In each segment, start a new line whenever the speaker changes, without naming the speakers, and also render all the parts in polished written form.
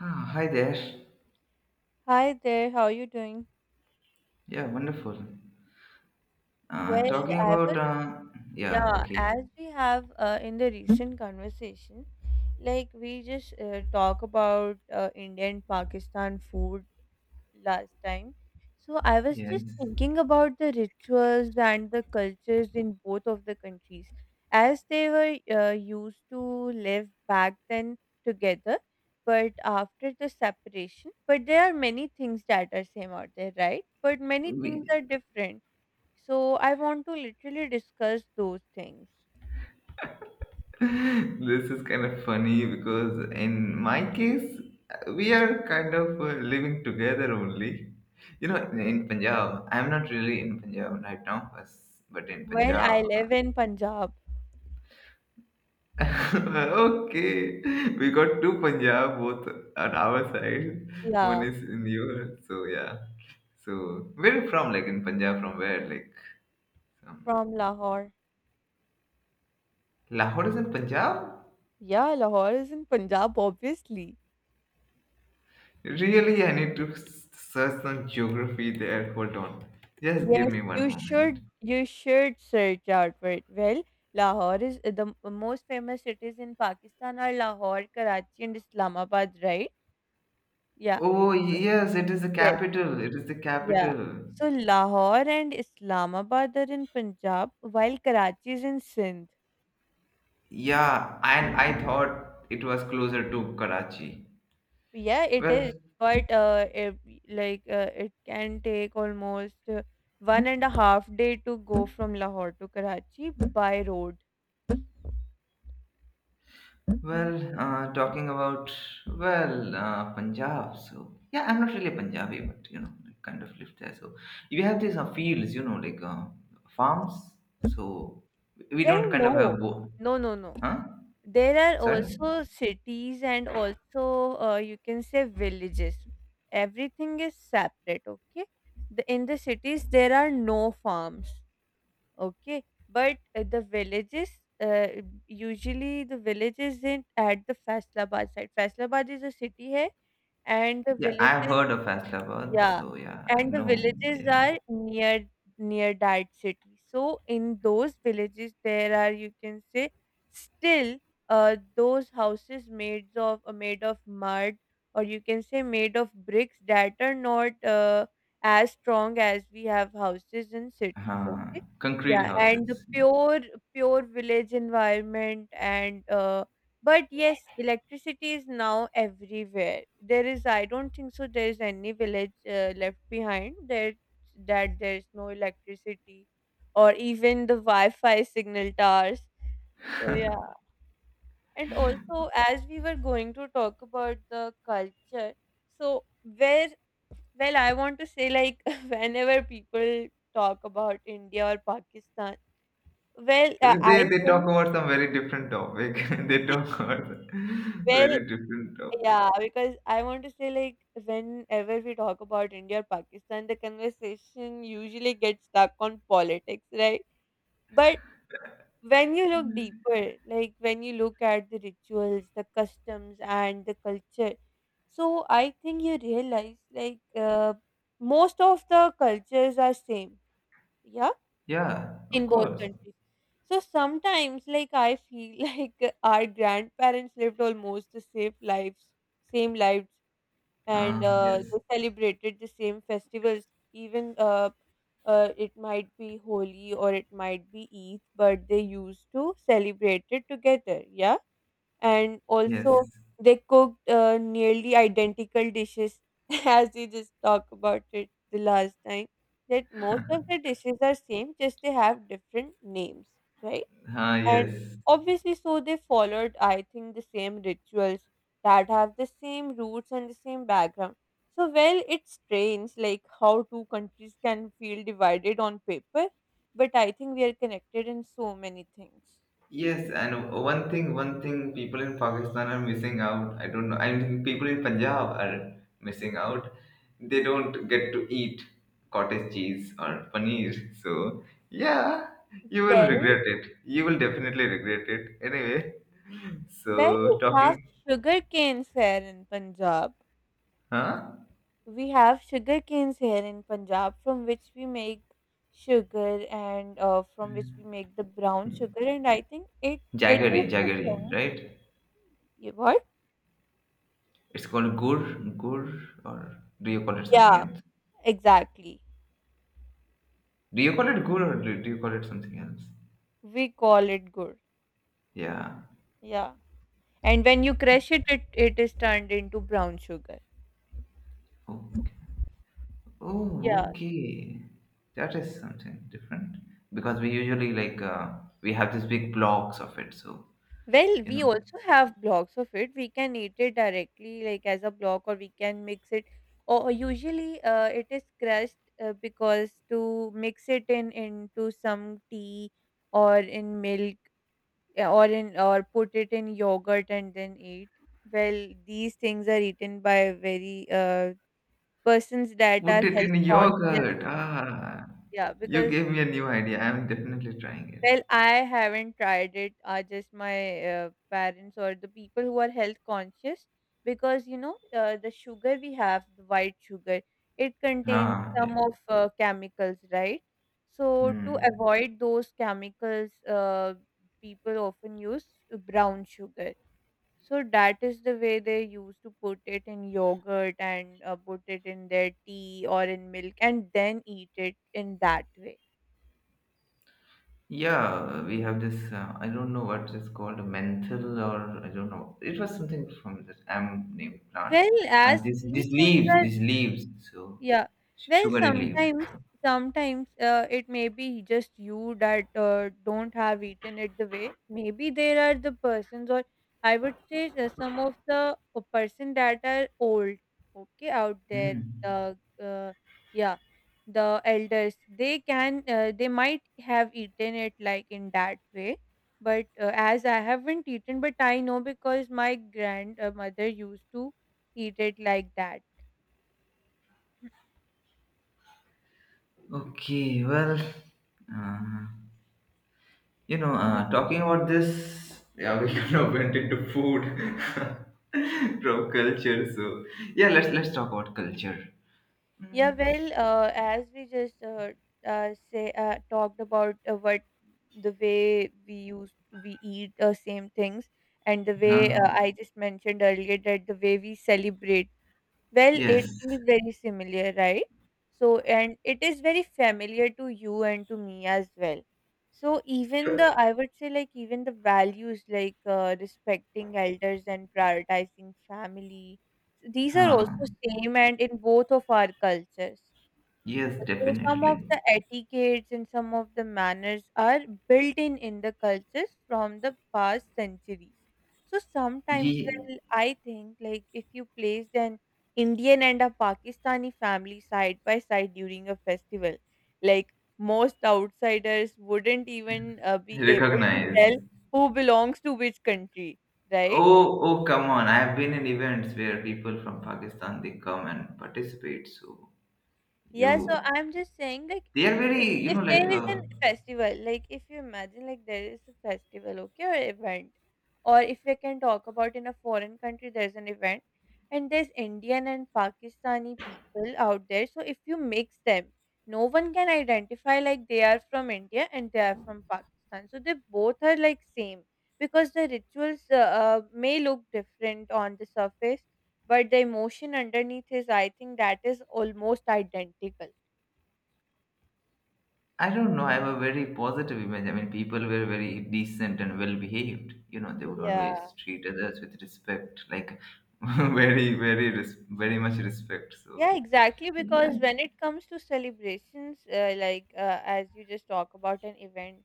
Ah, hi there.
Hi there, how are you doing?
Yeah, wonderful.
Well,
Talking
I
about,
was,
yeah,
yeah,
okay.
as we have in the recent conversation, like we just talk about Indian Pakistan food last time. So I was just
Yes.
thinking about the rituals and the cultures in both of the countries as they were used to live back then together, but after the separation, but there are many things that are same out there, right? But many things
We,
are different. So I want to literally discuss those things.
this is kind of funny because in my case, we are kind of living together only. You know, in Punjab, I'm not really in Punjab right now, but in
Well, I
Punjab.
live in Punjab.
okay, we got two Punjab, both on our side. One
Yeah,
is in your, so yeah. So, where you from? Like in Punjab, from where? Like. Um,
from Lahore.
Lahore is in Punjab?
Yeah, Lahore is in Punjab, obviously.
Really, I need to search some geography there. Hold on. Just give
Yes,
me one
you
moment.
should you should search out for it. Well, Lahore is the most famous cities in Pakistan are Lahore, Karachi, and Islamabad, right? Yeah.
Oh,
So,
yes, it is the
yes,
capital. It is the
yeah.
capital.
So Lahore and Islamabad are in Punjab, while Karachi is in Sindh.
Yeah, and I thought it was closer to Karachi.
Yeah, it
Well,
is. But if, like it can take almost 1.5 day to go from Lahore to Karachi by road.
well, talking about, well, Punjab. So, yeah, I'm not really Punjabi, but, you know, I kind of lived there. So, you have these fields, you know, like farms. So, we
Well,
don't kind of have.
no.
Both.
No, no, no.
Huh?
There are
Sorry?
also cities and also you can say villages. Everything is separate, okay? In the cities, there are no farms. Okay, but the villages, uh, usually the village isn't at the Faisalabad side. Faisalabad is a city है and the
Yeah, I've
villages.
heard of Astabad,
Yeah,
so yeah, I
and the
know.
villages
Yeah.
are near that city. So in those villages, there are you can say still those houses made of mud or you can say made of bricks that are not as strong as we have houses in cities.
Uh-huh.
Okay,
Concrete
yeah, and the
houses.
pure village environment and but yes, electricity is now everywhere. There is, I don't think so, there is any village left behind that, there's no electricity or even the Wi Fi signal towers. So, yeah. And also, as we were going to talk about the culture, so where well, I want to say, like, whenever people talk about India or Pakistan, well, I
They talk
think,
about some very different topic. they talk about
well,
very different topic.
yeah, because I want to say, like, whenever we talk about India or Pakistan, the conversation usually gets stuck on politics, right? But when you look deeper, like, when you look at the rituals, the customs, and the culture, so I think you realize, like, most of the cultures are same, yeah,
Yeah, of
in both
course.
countries. So sometimes, like, I feel like our grandparents lived almost the same lives and
Yes.
they celebrated the same festivals even it might be Holi or it might be Eid, but they used to celebrate it together. Yeah. And
Yes.
also, they cooked nearly identical dishes as we just talked about it the last time. That most of the dishes are same, just they have different names, right? And
Yes.
obviously, so they followed, I think, the same rituals that have the same roots and the same background. So, well, it's strange like how two countries can feel divided on paper, but I think we are connected in so many things.
Yes, and one thing people in Pakistan are missing out. I don't know. I mean, people in Punjab are missing out. They don't get to eat cottage cheese or paneer. So, yeah, you will
Well,
regret it. You will definitely regret it. Anyway,
well, we
so
have
talking,
sugar canes here in Punjab.
huh?
We have sugar canes here in Punjab from which we make sugar and from which we make the brown sugar, and I think it it is
Jaggery,
the
jaggery,
thing.
right?
You what?
It's called gur, gur, or do you call it something
Yeah,
else?
exactly.
Do you call it gur or do you call it something else?
We call it gur.
Yeah.
Yeah. And when you crush it, it is turned into brown sugar.
Okay.
Yeah.
Oh, okay. That is something different because we usually like we have these big blocks of it. So,
Well,
you know,
we also have blocks of it. We can eat it directly, like as a block, or we can mix it. Or usually, it is crushed because to mix it in into some tea or in milk or in or put it in yogurt and then eat. Well, these things are eaten by very persons that
put
are
it in
health conscious.
yogurt. Ah,
Yeah,
you
because
gave me a new idea. I'm definitely trying it.
well, I haven't tried it. Are just my parents or the people who are health conscious because you know the sugar we have, the white sugar, it contains
Ah,
some
yeah.
of chemicals, right? So to
Hmm.
avoid those chemicals, people often use brown sugar. So that is the way they used to put it in yogurt and put it in their tea or in milk and then eat it in that way.
Yeah, we have this. I don't know what it's called, a menthol or I don't know. It was something from this am named plant.
Well, as these
These
things
leaves,
are.
these leaves. So,
Yeah. Well,
sugary leaves.
sometimes it may be just you that don't have eaten it the way. Maybe there are the persons, or I would say some of the person that are old, okay, out there.
Hmm.
The yeah, the elders. They can, they might have eaten it like in that way. But as I haven't eaten, but I know because my grandmother used to eat it like that.
Okay, well, uh, you know, talking about this, yeah, we kind of went into food from culture. So, yeah, let's talk about culture.
Yeah, well, as we just say talked about what the way we use we eat same things, and the way
Huh?
I just mentioned earlier that the way we celebrate well, it
Yes.
feels very similar, right? So, and it is very familiar to you and to me as well. So, even the, I would say, like, even the values like respecting elders and prioritizing family, these are also
Huh.
same and in both of our cultures.
Yes,
So some of
definitely.
the etiquettes and some of the manners are built in the cultures from the past centuries. So sometimes
Ye
well, I think like if you placed an Indian and a Pakistani family side by side during a festival, like most outsiders wouldn't even be able to
recognize.
tell who belongs to which country, right?
Oh, oh, come on! I have been in events where people from Pakistan they come and participate. So
Yeah, so
you,
I'm just saying, like,
they are very, you
if
know, like
there is a festival, like, if you imagine, like, there is a festival, okay, or event, or if we can talk about in a foreign country, there's an event, and there's Indian and Pakistani people out there. So if you mix them, no one can identify like they are from India and they are from Pakistan. So they both are like same because the rituals may look different on the surface but the emotion underneath is I think that is almost identical.
I don't know. I have a very positive image. I mean, people were very decent and well behaved. You know, they would
Yeah.
always treat others with respect, like very, very, very much respect. So
Yeah, exactly.
yeah,
Because when it comes to celebrations, like as you just talk about an event,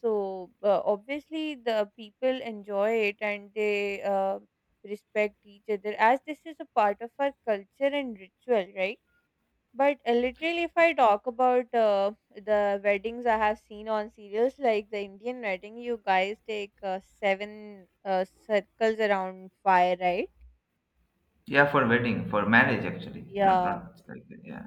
so obviously the people enjoy it and they respect each other as this is a part of our culture and ritual, right? But literally, if I talk about the weddings I have seen on serials, like the Indian wedding, you guys take seven circles around fire, right?
yeah, for wedding, for marriage actually, not
Yeah,
not like yeah.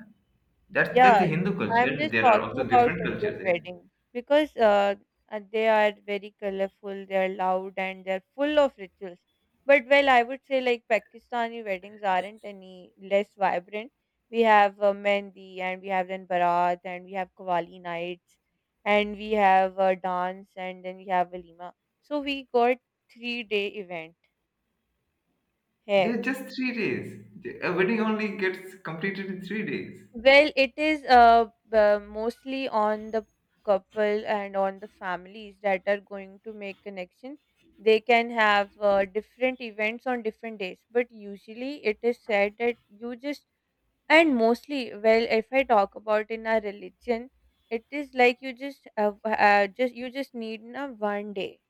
That's the
yeah,
Hindu
I'm
culture.
just
There are
talking
also
about
different
Indian
cultures.
weddings because they are very colorful, they are loud, and they're full of rituals. But well, I would say like Pakistani weddings aren't any less vibrant. We have mehndi, and we have then barat, and we have qawwali nights, and we have dance, and then we have walima. So we got 3 day event
Yeah,
here.
Just 3 days. A wedding only gets completed in 3 days.
Well, it is mostly on the couple and on the families that are going to make connection. They can have different events on different days, but usually it is said that you just and mostly, well, if I talk about in our religion, it is like you just need na one day,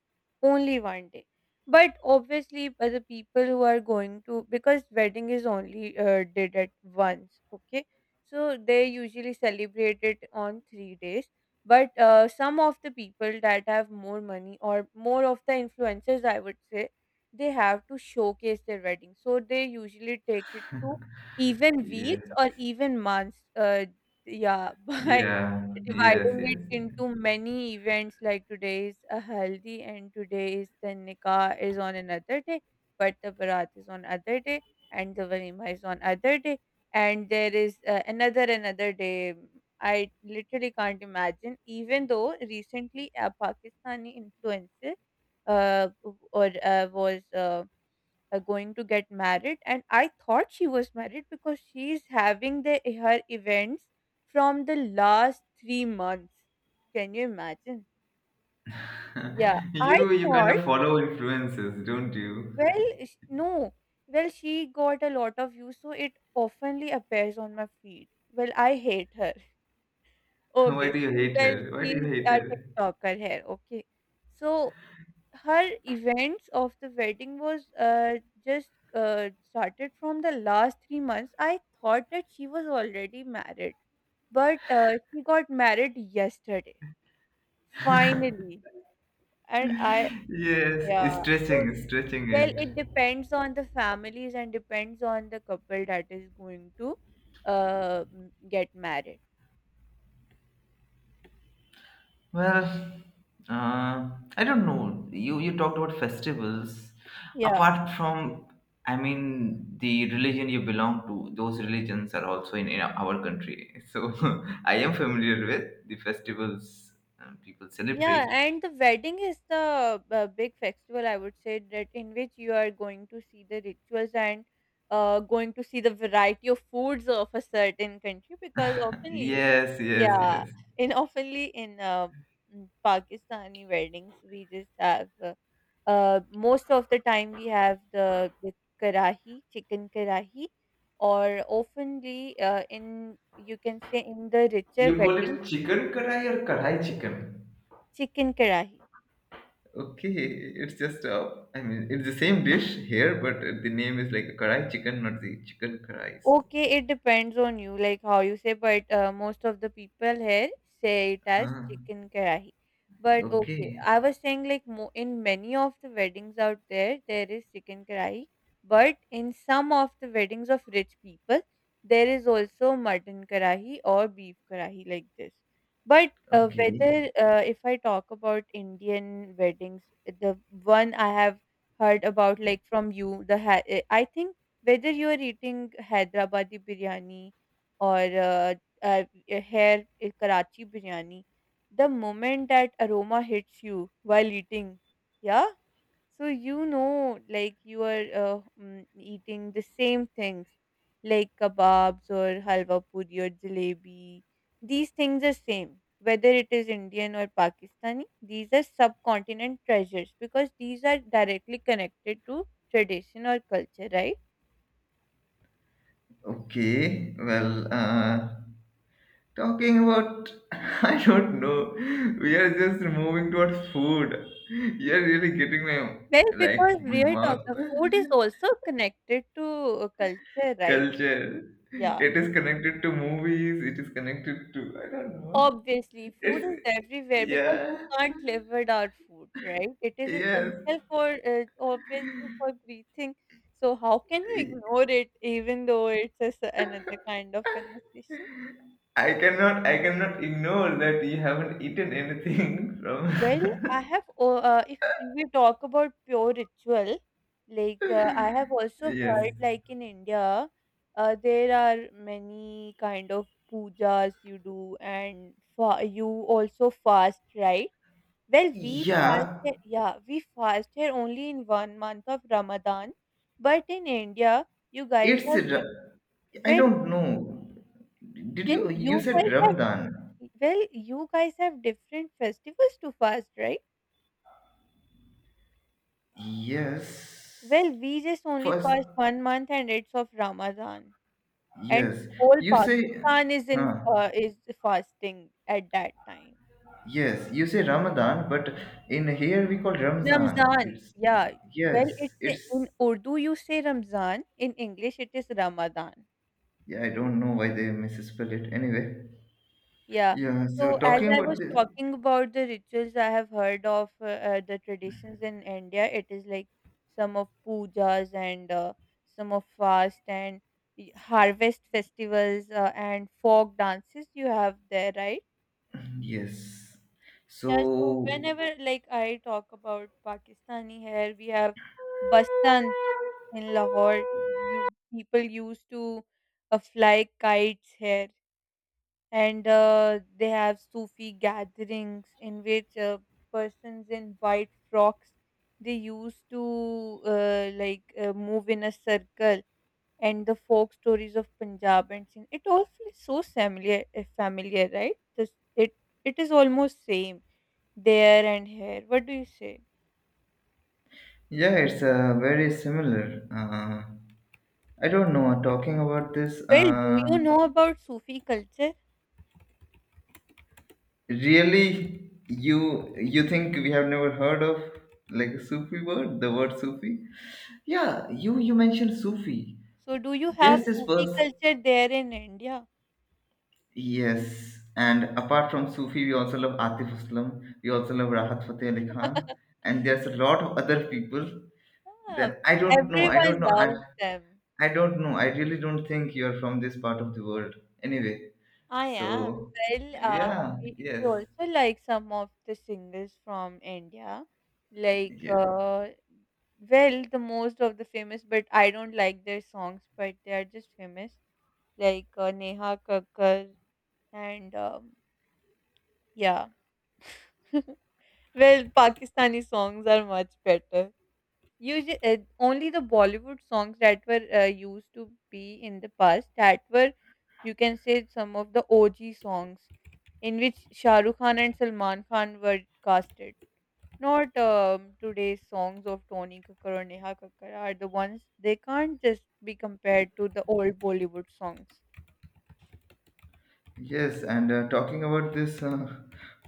only one day. But obviously, for the people who are going to because wedding is only did at once, okay? So they usually celebrate it on 3 days. But some of the people that have more money or more of the influencers, I would say, they have to showcase their wedding. So they usually take it to even
Yeah,
weeks or even months. Yeah, by
yeah, yes,
dividing it
yes.
into many events, like today is a haldi and today is the nikah is on another day, but the barat is on other day and the walima is on other day, and there is another day. I literally can't imagine. Even though recently a Pakistani influencer uh, or was. Going to get married, and I thought she was married because she's having the her events from the last 3 months. Can you imagine? Yeah,
Yes.
I
You kind
thought,
of follow influences, don't you?
well, no. Well, she got a lot of views, so it oftenly appears on my feed. Well, I hate her.
Why
Okay,
do you hate
well,
her? Why do you
she's
hate
a
her?
tiktoker here, okay. So her events of the wedding was just started from the last 3 months. I thought that she was already married, but she got married yesterday, finally. And I,
Yes,
yeah, so
stretching, stretching
well,
it.
it depends on the families and depends on the couple that is going to get married.
Well, uh, I don't know. You talked about festivals.
Yeah.
Apart from, I mean, the religion you belong to, those religions are also in our country. So I am familiar with the festivals people
Yeah,
celebrate.
and the wedding is the big festival, I would say, that in which you are going to see the rituals and going to see the variety of foods of a certain country because oftenly,
Yes, yes,
yeah,
yes.
in oftenly in Pakistani weddings, we just have most of the time we have the karahi, chicken karahi, or oftenly in you can say in the richer
You call
wedding,
it chicken karai or karai chicken?
chicken karahi.
Okay, it's just I mean, it's the same dish here, but the name is like a karai chicken, not the chicken karai. So,
Okay, it depends on you, like how you say, but most of the people here say it as
huh.
chicken karahi. But okay,
Okay,
I was saying like mo in many of the weddings out there, there is chicken karahi, but in some of the weddings of rich people, there is also mutton karahi or beef karahi like this. But
okay,
whether if I talk about Indian weddings, the one I have heard about like from you, the ha I think whether you are eating Hyderabadi biryani or here Karachi biryani, the moment that aroma hits you while eating, yeah, so you know like you are eating the same things like kebabs or halwa puri or jalebi. These things are same. Whether it is Indian or Pakistani, these are subcontinent treasures because these are directly connected to tradition or culture, right?
okay. Well, talking about, I don't know. We are just moving towards food. You're really getting my
Well,
like
because
my
we are
mouth
talking, food is also connected to culture, right?
culture.
Yeah.
It is connected to movies. It is connected to I don't know.
Obviously, food
It's
is everywhere because
yeah,
you can't live without food, right? It is
yes.
essential for, obviously, for breathing. So, how can you ignore it even though it's another kind of conversation?
I cannot ignore that you haven't eaten anything from
Well, I have, if we talk about pure ritual, like I have also
yes.
heard, like in India, there are many kind of pujas you do, and you also fast, right? Well, we fast,
Yeah,
yeah, we fast here only in 1 month of Ramadan, but in India, you guys
it's
have,
I
well, well,
don't know. Did you you
you
said
guys have,
Ramadan?
well, you guys have different festivals to fast, right?
Yes.
Well, we just only
First,
fast 1 month and it's of Ramadan, and
yes.
whole
You say
Pakistan is in
huh.
is fasting at that time.
Yes, you say Ramadan, but in here we call Ramzan.
Ramzan,
It's
yeah. Well,
yes,
it's
it's
in Urdu you say Ramzan, in English it is Ramadan.
yeah, I don't know why they misspell it anyway.
Yeah.
Yeah, so
So as
talking
I
about
was
this.
talking about the rituals I have heard of the traditions in India, it is like some of pujas and some of fast and harvest festivals and folk dances you have there, right?
Yes.
Yeah, so
So,
whenever like I talk about Pakistani hair, we have Basant in Lahore. You people used to fly kites here and they have Sufi gatherings in which persons in white frocks they used to move in a circle and the folk stories of Punjab and Sindh. It all feels so familiar, familiar, right? This, it it is almost same there and here. What do you say?
yeah, it's very similar. I don't know. Talking about this,
Well, do you know about Sufi culture?
really, you think we have never heard of like a Sufi word, the word Sufi? Yeah, you mentioned Sufi.
So, do you have
There's this
Sufi
verse.
culture there in India?
Yes, and apart from Sufi, we also love Atif Aslam. We also love Rahat Fateh Ali Khan, and there's a lot of other people.
Yeah,
Then I don't know. I don't
everyone
know.
loves them.
I don't know. I really don't think you're from this part of the world. Anyway,
I am.
so
Well,
yeah,
we
yes,
also like some of the singers from India. Like,
yeah,
well, the most of the famous, but I don't like their songs, but they are just famous. Like Neha Kakkar and yeah. Well, Pakistani songs are much better. Usually, only the Bollywood songs that were used to be in the past that were, you can say, some of the OG songs in which Shah Rukh Khan and Salman Khan were casted. Not today's songs of Tony Kakkar or Neha Kakkar are the ones they can't just be compared to the old Bollywood songs.
yes. And talking about this,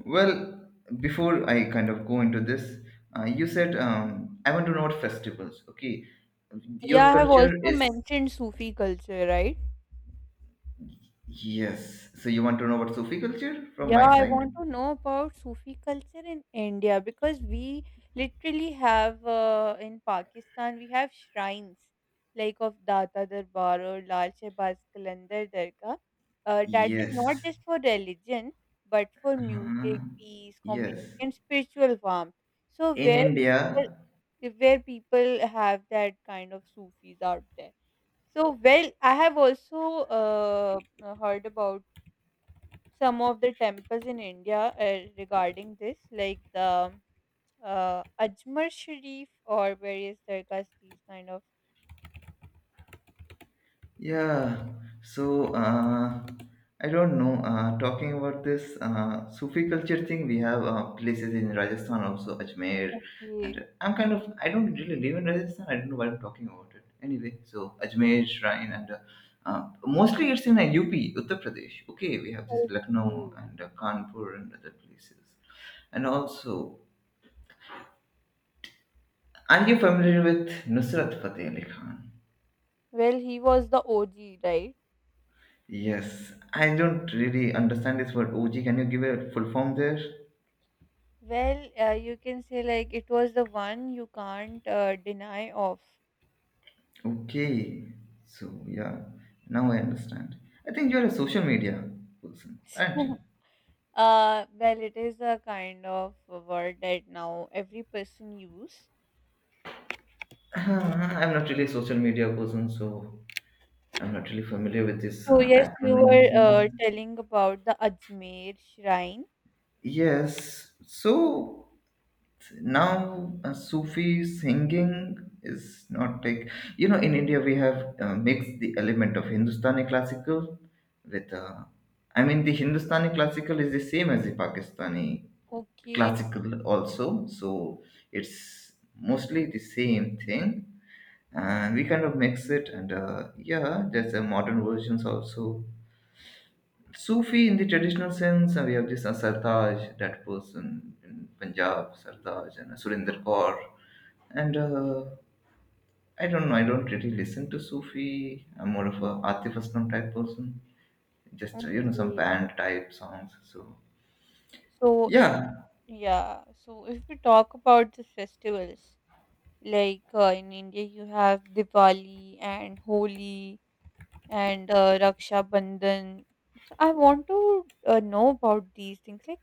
well, before I kind of go into this, you said I want to know what festivals. Okay, your
Yeah, I have
culture
also
is
mentioned Sufi culture, right?
yes. So you want to know about Sufi culture from
Yeah,
my
I
side?
want to know about Sufi culture in India because we literally have in Pakistan we have shrines like of Data Darbar or Lal Shehbaz Qalandar Dargah. That is not
Yes.
just for religion but for
Uh,
music, peace,
yes.
community, and spiritual warmth. So
In India,
where people have that kind of Sufis out there. So well, I have also heard about some of the temples in India regarding this, like the Ajmer Sharif or various Dargahs, these kind of.
yeah, so I don't know. Talking about this Sufi culture thing, we have places in Rajasthan also, Ajmer,
Okay.
and I'm kind of I don't really live in Rajasthan. I don't know why I'm talking about it. Anyway, so Ajmer shrine and mostly it's in UP, Uttar Pradesh. Okay, we have this Lucknow
Okay.
and Kanpur and other places, and also are you familiar with Nusrat Fateh Ali Khan?
Well, he was the OG, right?
Yes, I don't really understand this word OG. Can you give a full form there?
Well, you can say like it was the one you can't deny of.
Okay, so yeah, now I understand. I think you're a social media person, aren't you?
Well, it is a kind of a word that now every person use.
I'm not really a social media person, so I'm not really familiar with this
So yes, you
acronym
were
thing.
telling about the Ajmer shrine.
Yes, so now sufi singing is not like you know in india we have mixed the element of hindustani classical with I mean the hindustani classical is the same as the pakistani
Okay.
classical also so it's mostly the same thing and we kind of mix it and yeah there's a modern versions also Sufi in the traditional sense, we have this Sartaj, that person in Punjab, Sartaj, and Surinder Kaur. And I don't know, I don't really listen to Sufi. I'm more of a Atif Aslam type person. Just, you know, some
Okay.
band type songs. So,
So if
yeah,
yeah, so if we talk about the festivals, like in India you have Diwali and Holi and Raksha Bandhan. So I want to know about these things. Like,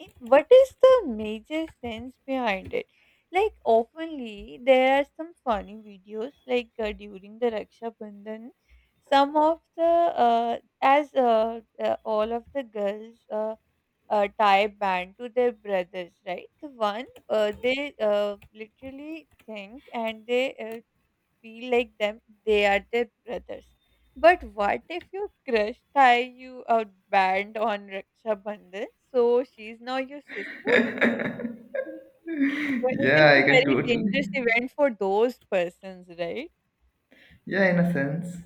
what is the major sense behind it? Like, oftenly there are some funny videos. Like during the Raksha Bandhan, some of the as all of the girls. Tie band to their brothers, right? The one they literally think and they feel like them they are their brothers. But what if your crush tie you a band on Raksha Bandhan? So she's now your sister? Well, it is
yeah, I
a
can
very
totally.
dangerous event for those persons, right?
Yeah, in a sense.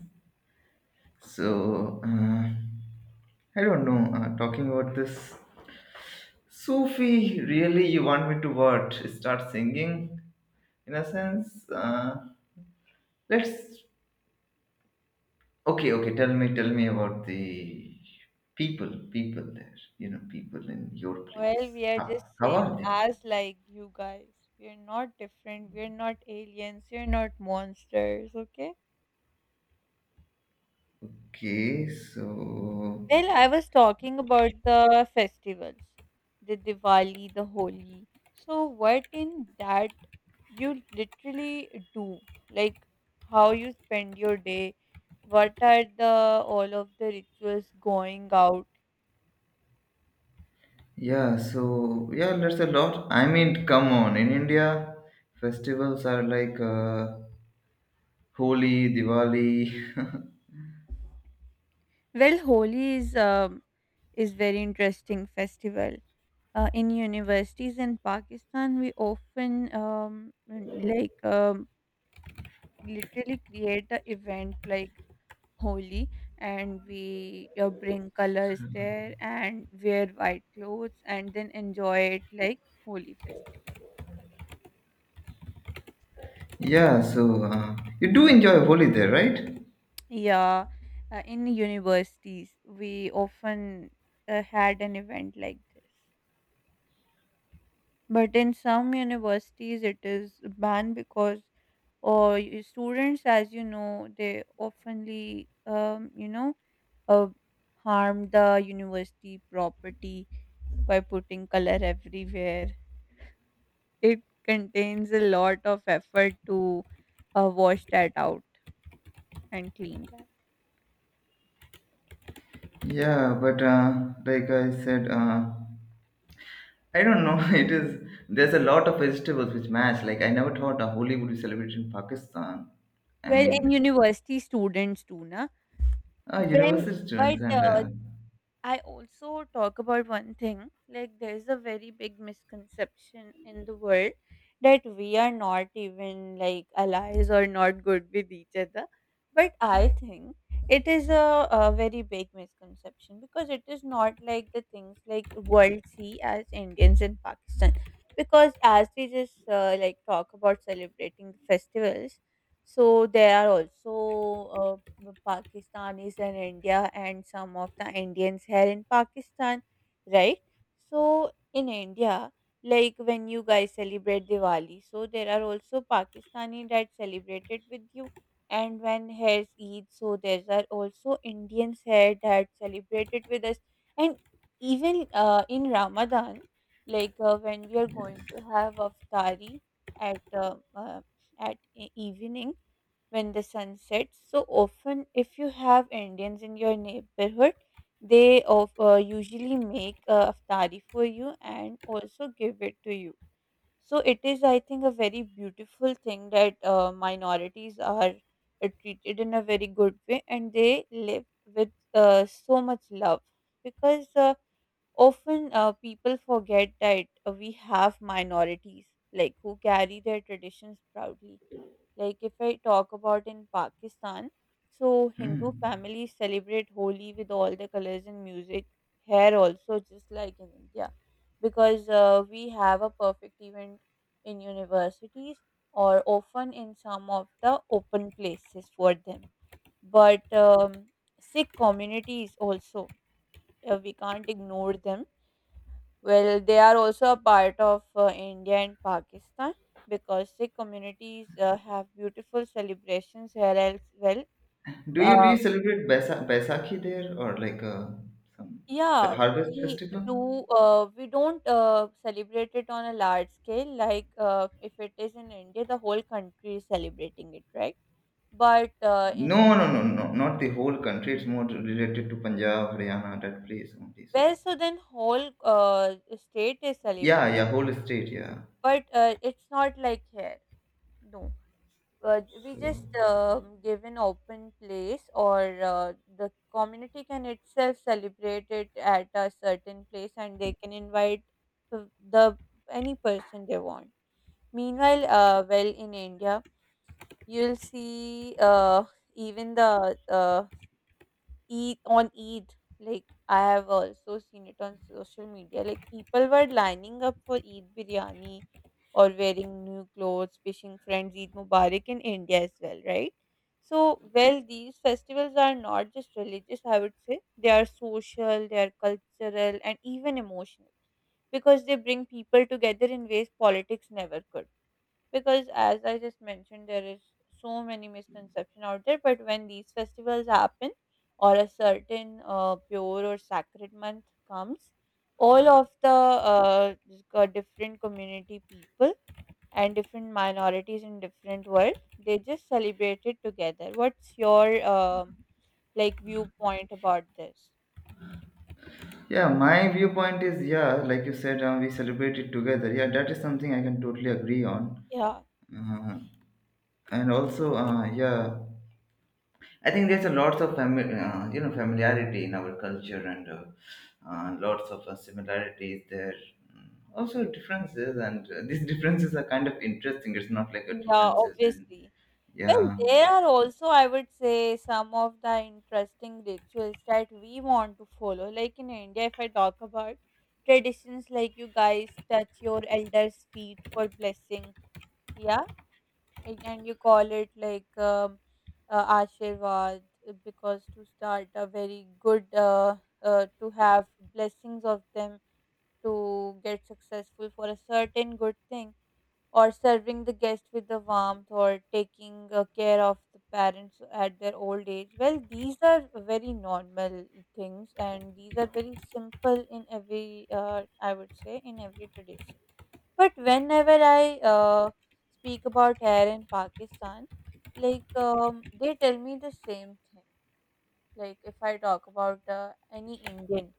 So, I don't know, talking about this. Sufi, really, you want me to what? Start singing? In a sense, Let's okay, okay. Tell me about the people, people there. You know, people in your
Well,
place.
we are just
How
same
are they?
as like you guys. We are not different. We are not aliens. We are not monsters. Okay.
Okay, so
Well, I was talking about the festivals, the Diwali, the Holi. So, what in that you literally do? Like, how you spend your day? What are the all of the rituals going out?
yeah, so yeah, that's a lot. I mean, come on. In India, festivals are like Holi, Diwali.
Well, Holi is very interesting festival. In universities in Pakistan, we often um, like um, literally create a event like Holi, and we bring colors there and wear white clothes and then enjoy it like Holi festival.
yeah, so you do enjoy Holi there, right?
Yeah, in universities we often had an event like this, but in some universities it is banned because or students, as you know, they oftenly you know uh, harm the university property by putting color everywhere. It contains a lot of effort to wash that out and clean that.
Yeah, but like I said, I don't know. It is there's a lot of vegetables which match. Like I never thought a Holi would be celebrated in Pakistan. I
Well, and
mean,
university students too, na? Well,
university
but
students and
I also talk about one thing like there's a very big misconception in the world that we are not even like allies or not good with each other. But I think it is a very big misconception because it is not like the things like world see as Indians in Pakistan. Because as we just like talk about celebrating the festivals, so there are also Pakistanis in India, and some of the Indians here in Pakistan, right? So in India, like when you guys celebrate Diwali, so there are also Pakistani that celebrate it with you, and when here's Eid, so there are also Indians here that celebrate it with us, and even in Ramadan, like when we are going to have aftari at uh, uh, at evening when the sun sets. So often, if you have Indians in your neighborhood, they usually make aftari for you and also give it to you. So it is, I think, a very beautiful thing that minorities are treated in a very good way and they live with so much love because often people forget that we have minorities like who carry their traditions proudly, like if I talk about in Pakistan, so Hindu
hmm.
families celebrate Holi with all the colors and music. Here also, just like in India, because we have a perfect event in universities or often in some of the open places for them. But Sikh communities also, we can't ignore them, well, they are also a part of India and Pakistan because Sikh communities have beautiful celebrations here as well.
Do you
Uh,
celebrate Baisakhi there or like some
yeah,
harvest
we
festival?
do. We don't celebrate it on a large scale. Like if it is in India, the whole country is celebrating it, right? But
No, no, no, no. Not the whole country. It's more related to Punjab, Haryana, that place only. So
Well, so then whole state is
yeah,
celebrating.
yeah, whole state. Yeah.
But it's not like here. No. Uh, we
So
just give an open place or the community can itself celebrate it at a certain place and they can invite the the- any person they want. Meanwhile well in india you'll see even the Eid on Eid. Like I have also seen it on social media. Like people were lining up for Eid biryani or wearing new clothes, wishing friends Eid Mubarak in India as well, right? So, well, these festivals are not just religious, I would say. They are social, they are cultural, and even emotional because they bring people together in ways politics never could, because as I just mentioned, there is so many misconception out there. But when these festivals happen or a certain pure or sacred month comes, all of the uh, different community people and different minorities in different world, they just celebrate it together. What's your um like viewpoint about this?
yeah, my viewpoint is yeah, like you said, we celebrate it together. Yeah, that is something I can totally agree on.
Yeah,
Uh, and also, yeah, I think there's a lots of you know familiarity in our culture and lots of similarities there. Mm, also differences, and these differences are kind of interesting. It's not like a
yeah,
differences in
obviously. Well,
yeah,
there are also, I would say, some of the interesting rituals that we want to follow. Like in India, if I talk about traditions like you guys touch your elders' feet for blessing, yeah, and you call it like Ashirvad, because to start a very good, to have blessings of them to get successful for a certain good thing, or serving the guest with the warmth or taking care of the parents at their old age. Well, these are very normal things and these are very simple in every I would say in every tradition. But whenever I speak about hair in Pakistan, like they tell me the same thing. Like if I talk about any Indian,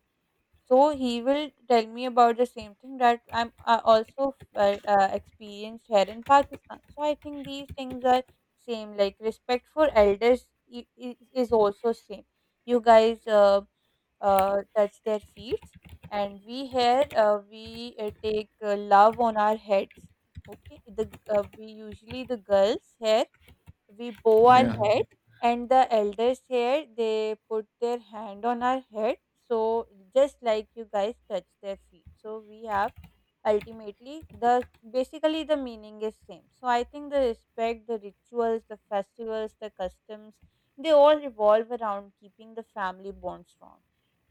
so he will tell me about the same thing that I'm also experienced here in Pakistan. So I think these things are same. Like respect for elders is also same. You guys touch their feet, and we here we take love on our heads. Okay, the we usually the girls here we bow our
yeah.
head and the elders here they put their hand on our head. So just like you guys touch their feet, so we have ultimately the basically the meaning is same. So I think the respect, the rituals, the festivals, the customs, they all revolve around keeping the family bond strong,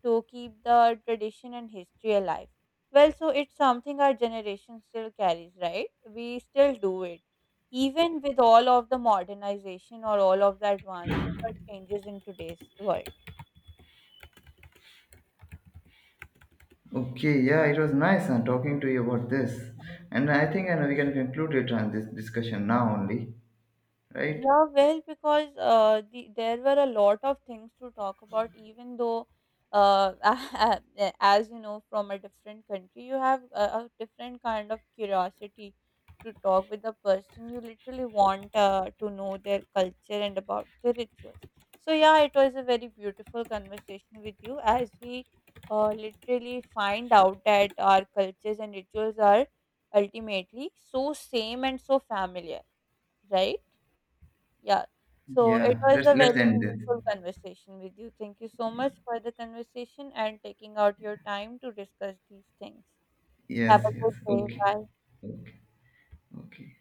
to keep the tradition and history alive. Well, so it's something our generation still carries, right? We still do it, even with all of the modernization or all of the advancement or changes in today's world.
Okay, yeah, it was nice talking to you about this, and I think we can conclude it on this discussion now only, right?
Yeah, well, because there were a lot of things to talk about, even though, uh, as you know, from a different country, you have a different kind of curiosity to talk with the person. You literally want to know their culture and about their rituals. So, yeah, it was a very beautiful conversation with you as we literally find out that our cultures and rituals are ultimately so same and so familiar, right? Yeah. So it
Yeah,
was
let's
a very
let's end this.
meaningful conversation with you. Thank you so much for the conversation and taking out your time to discuss these things. Have
Yes,
a
yes.
good day.
Okay,
Bye.
okay, okay.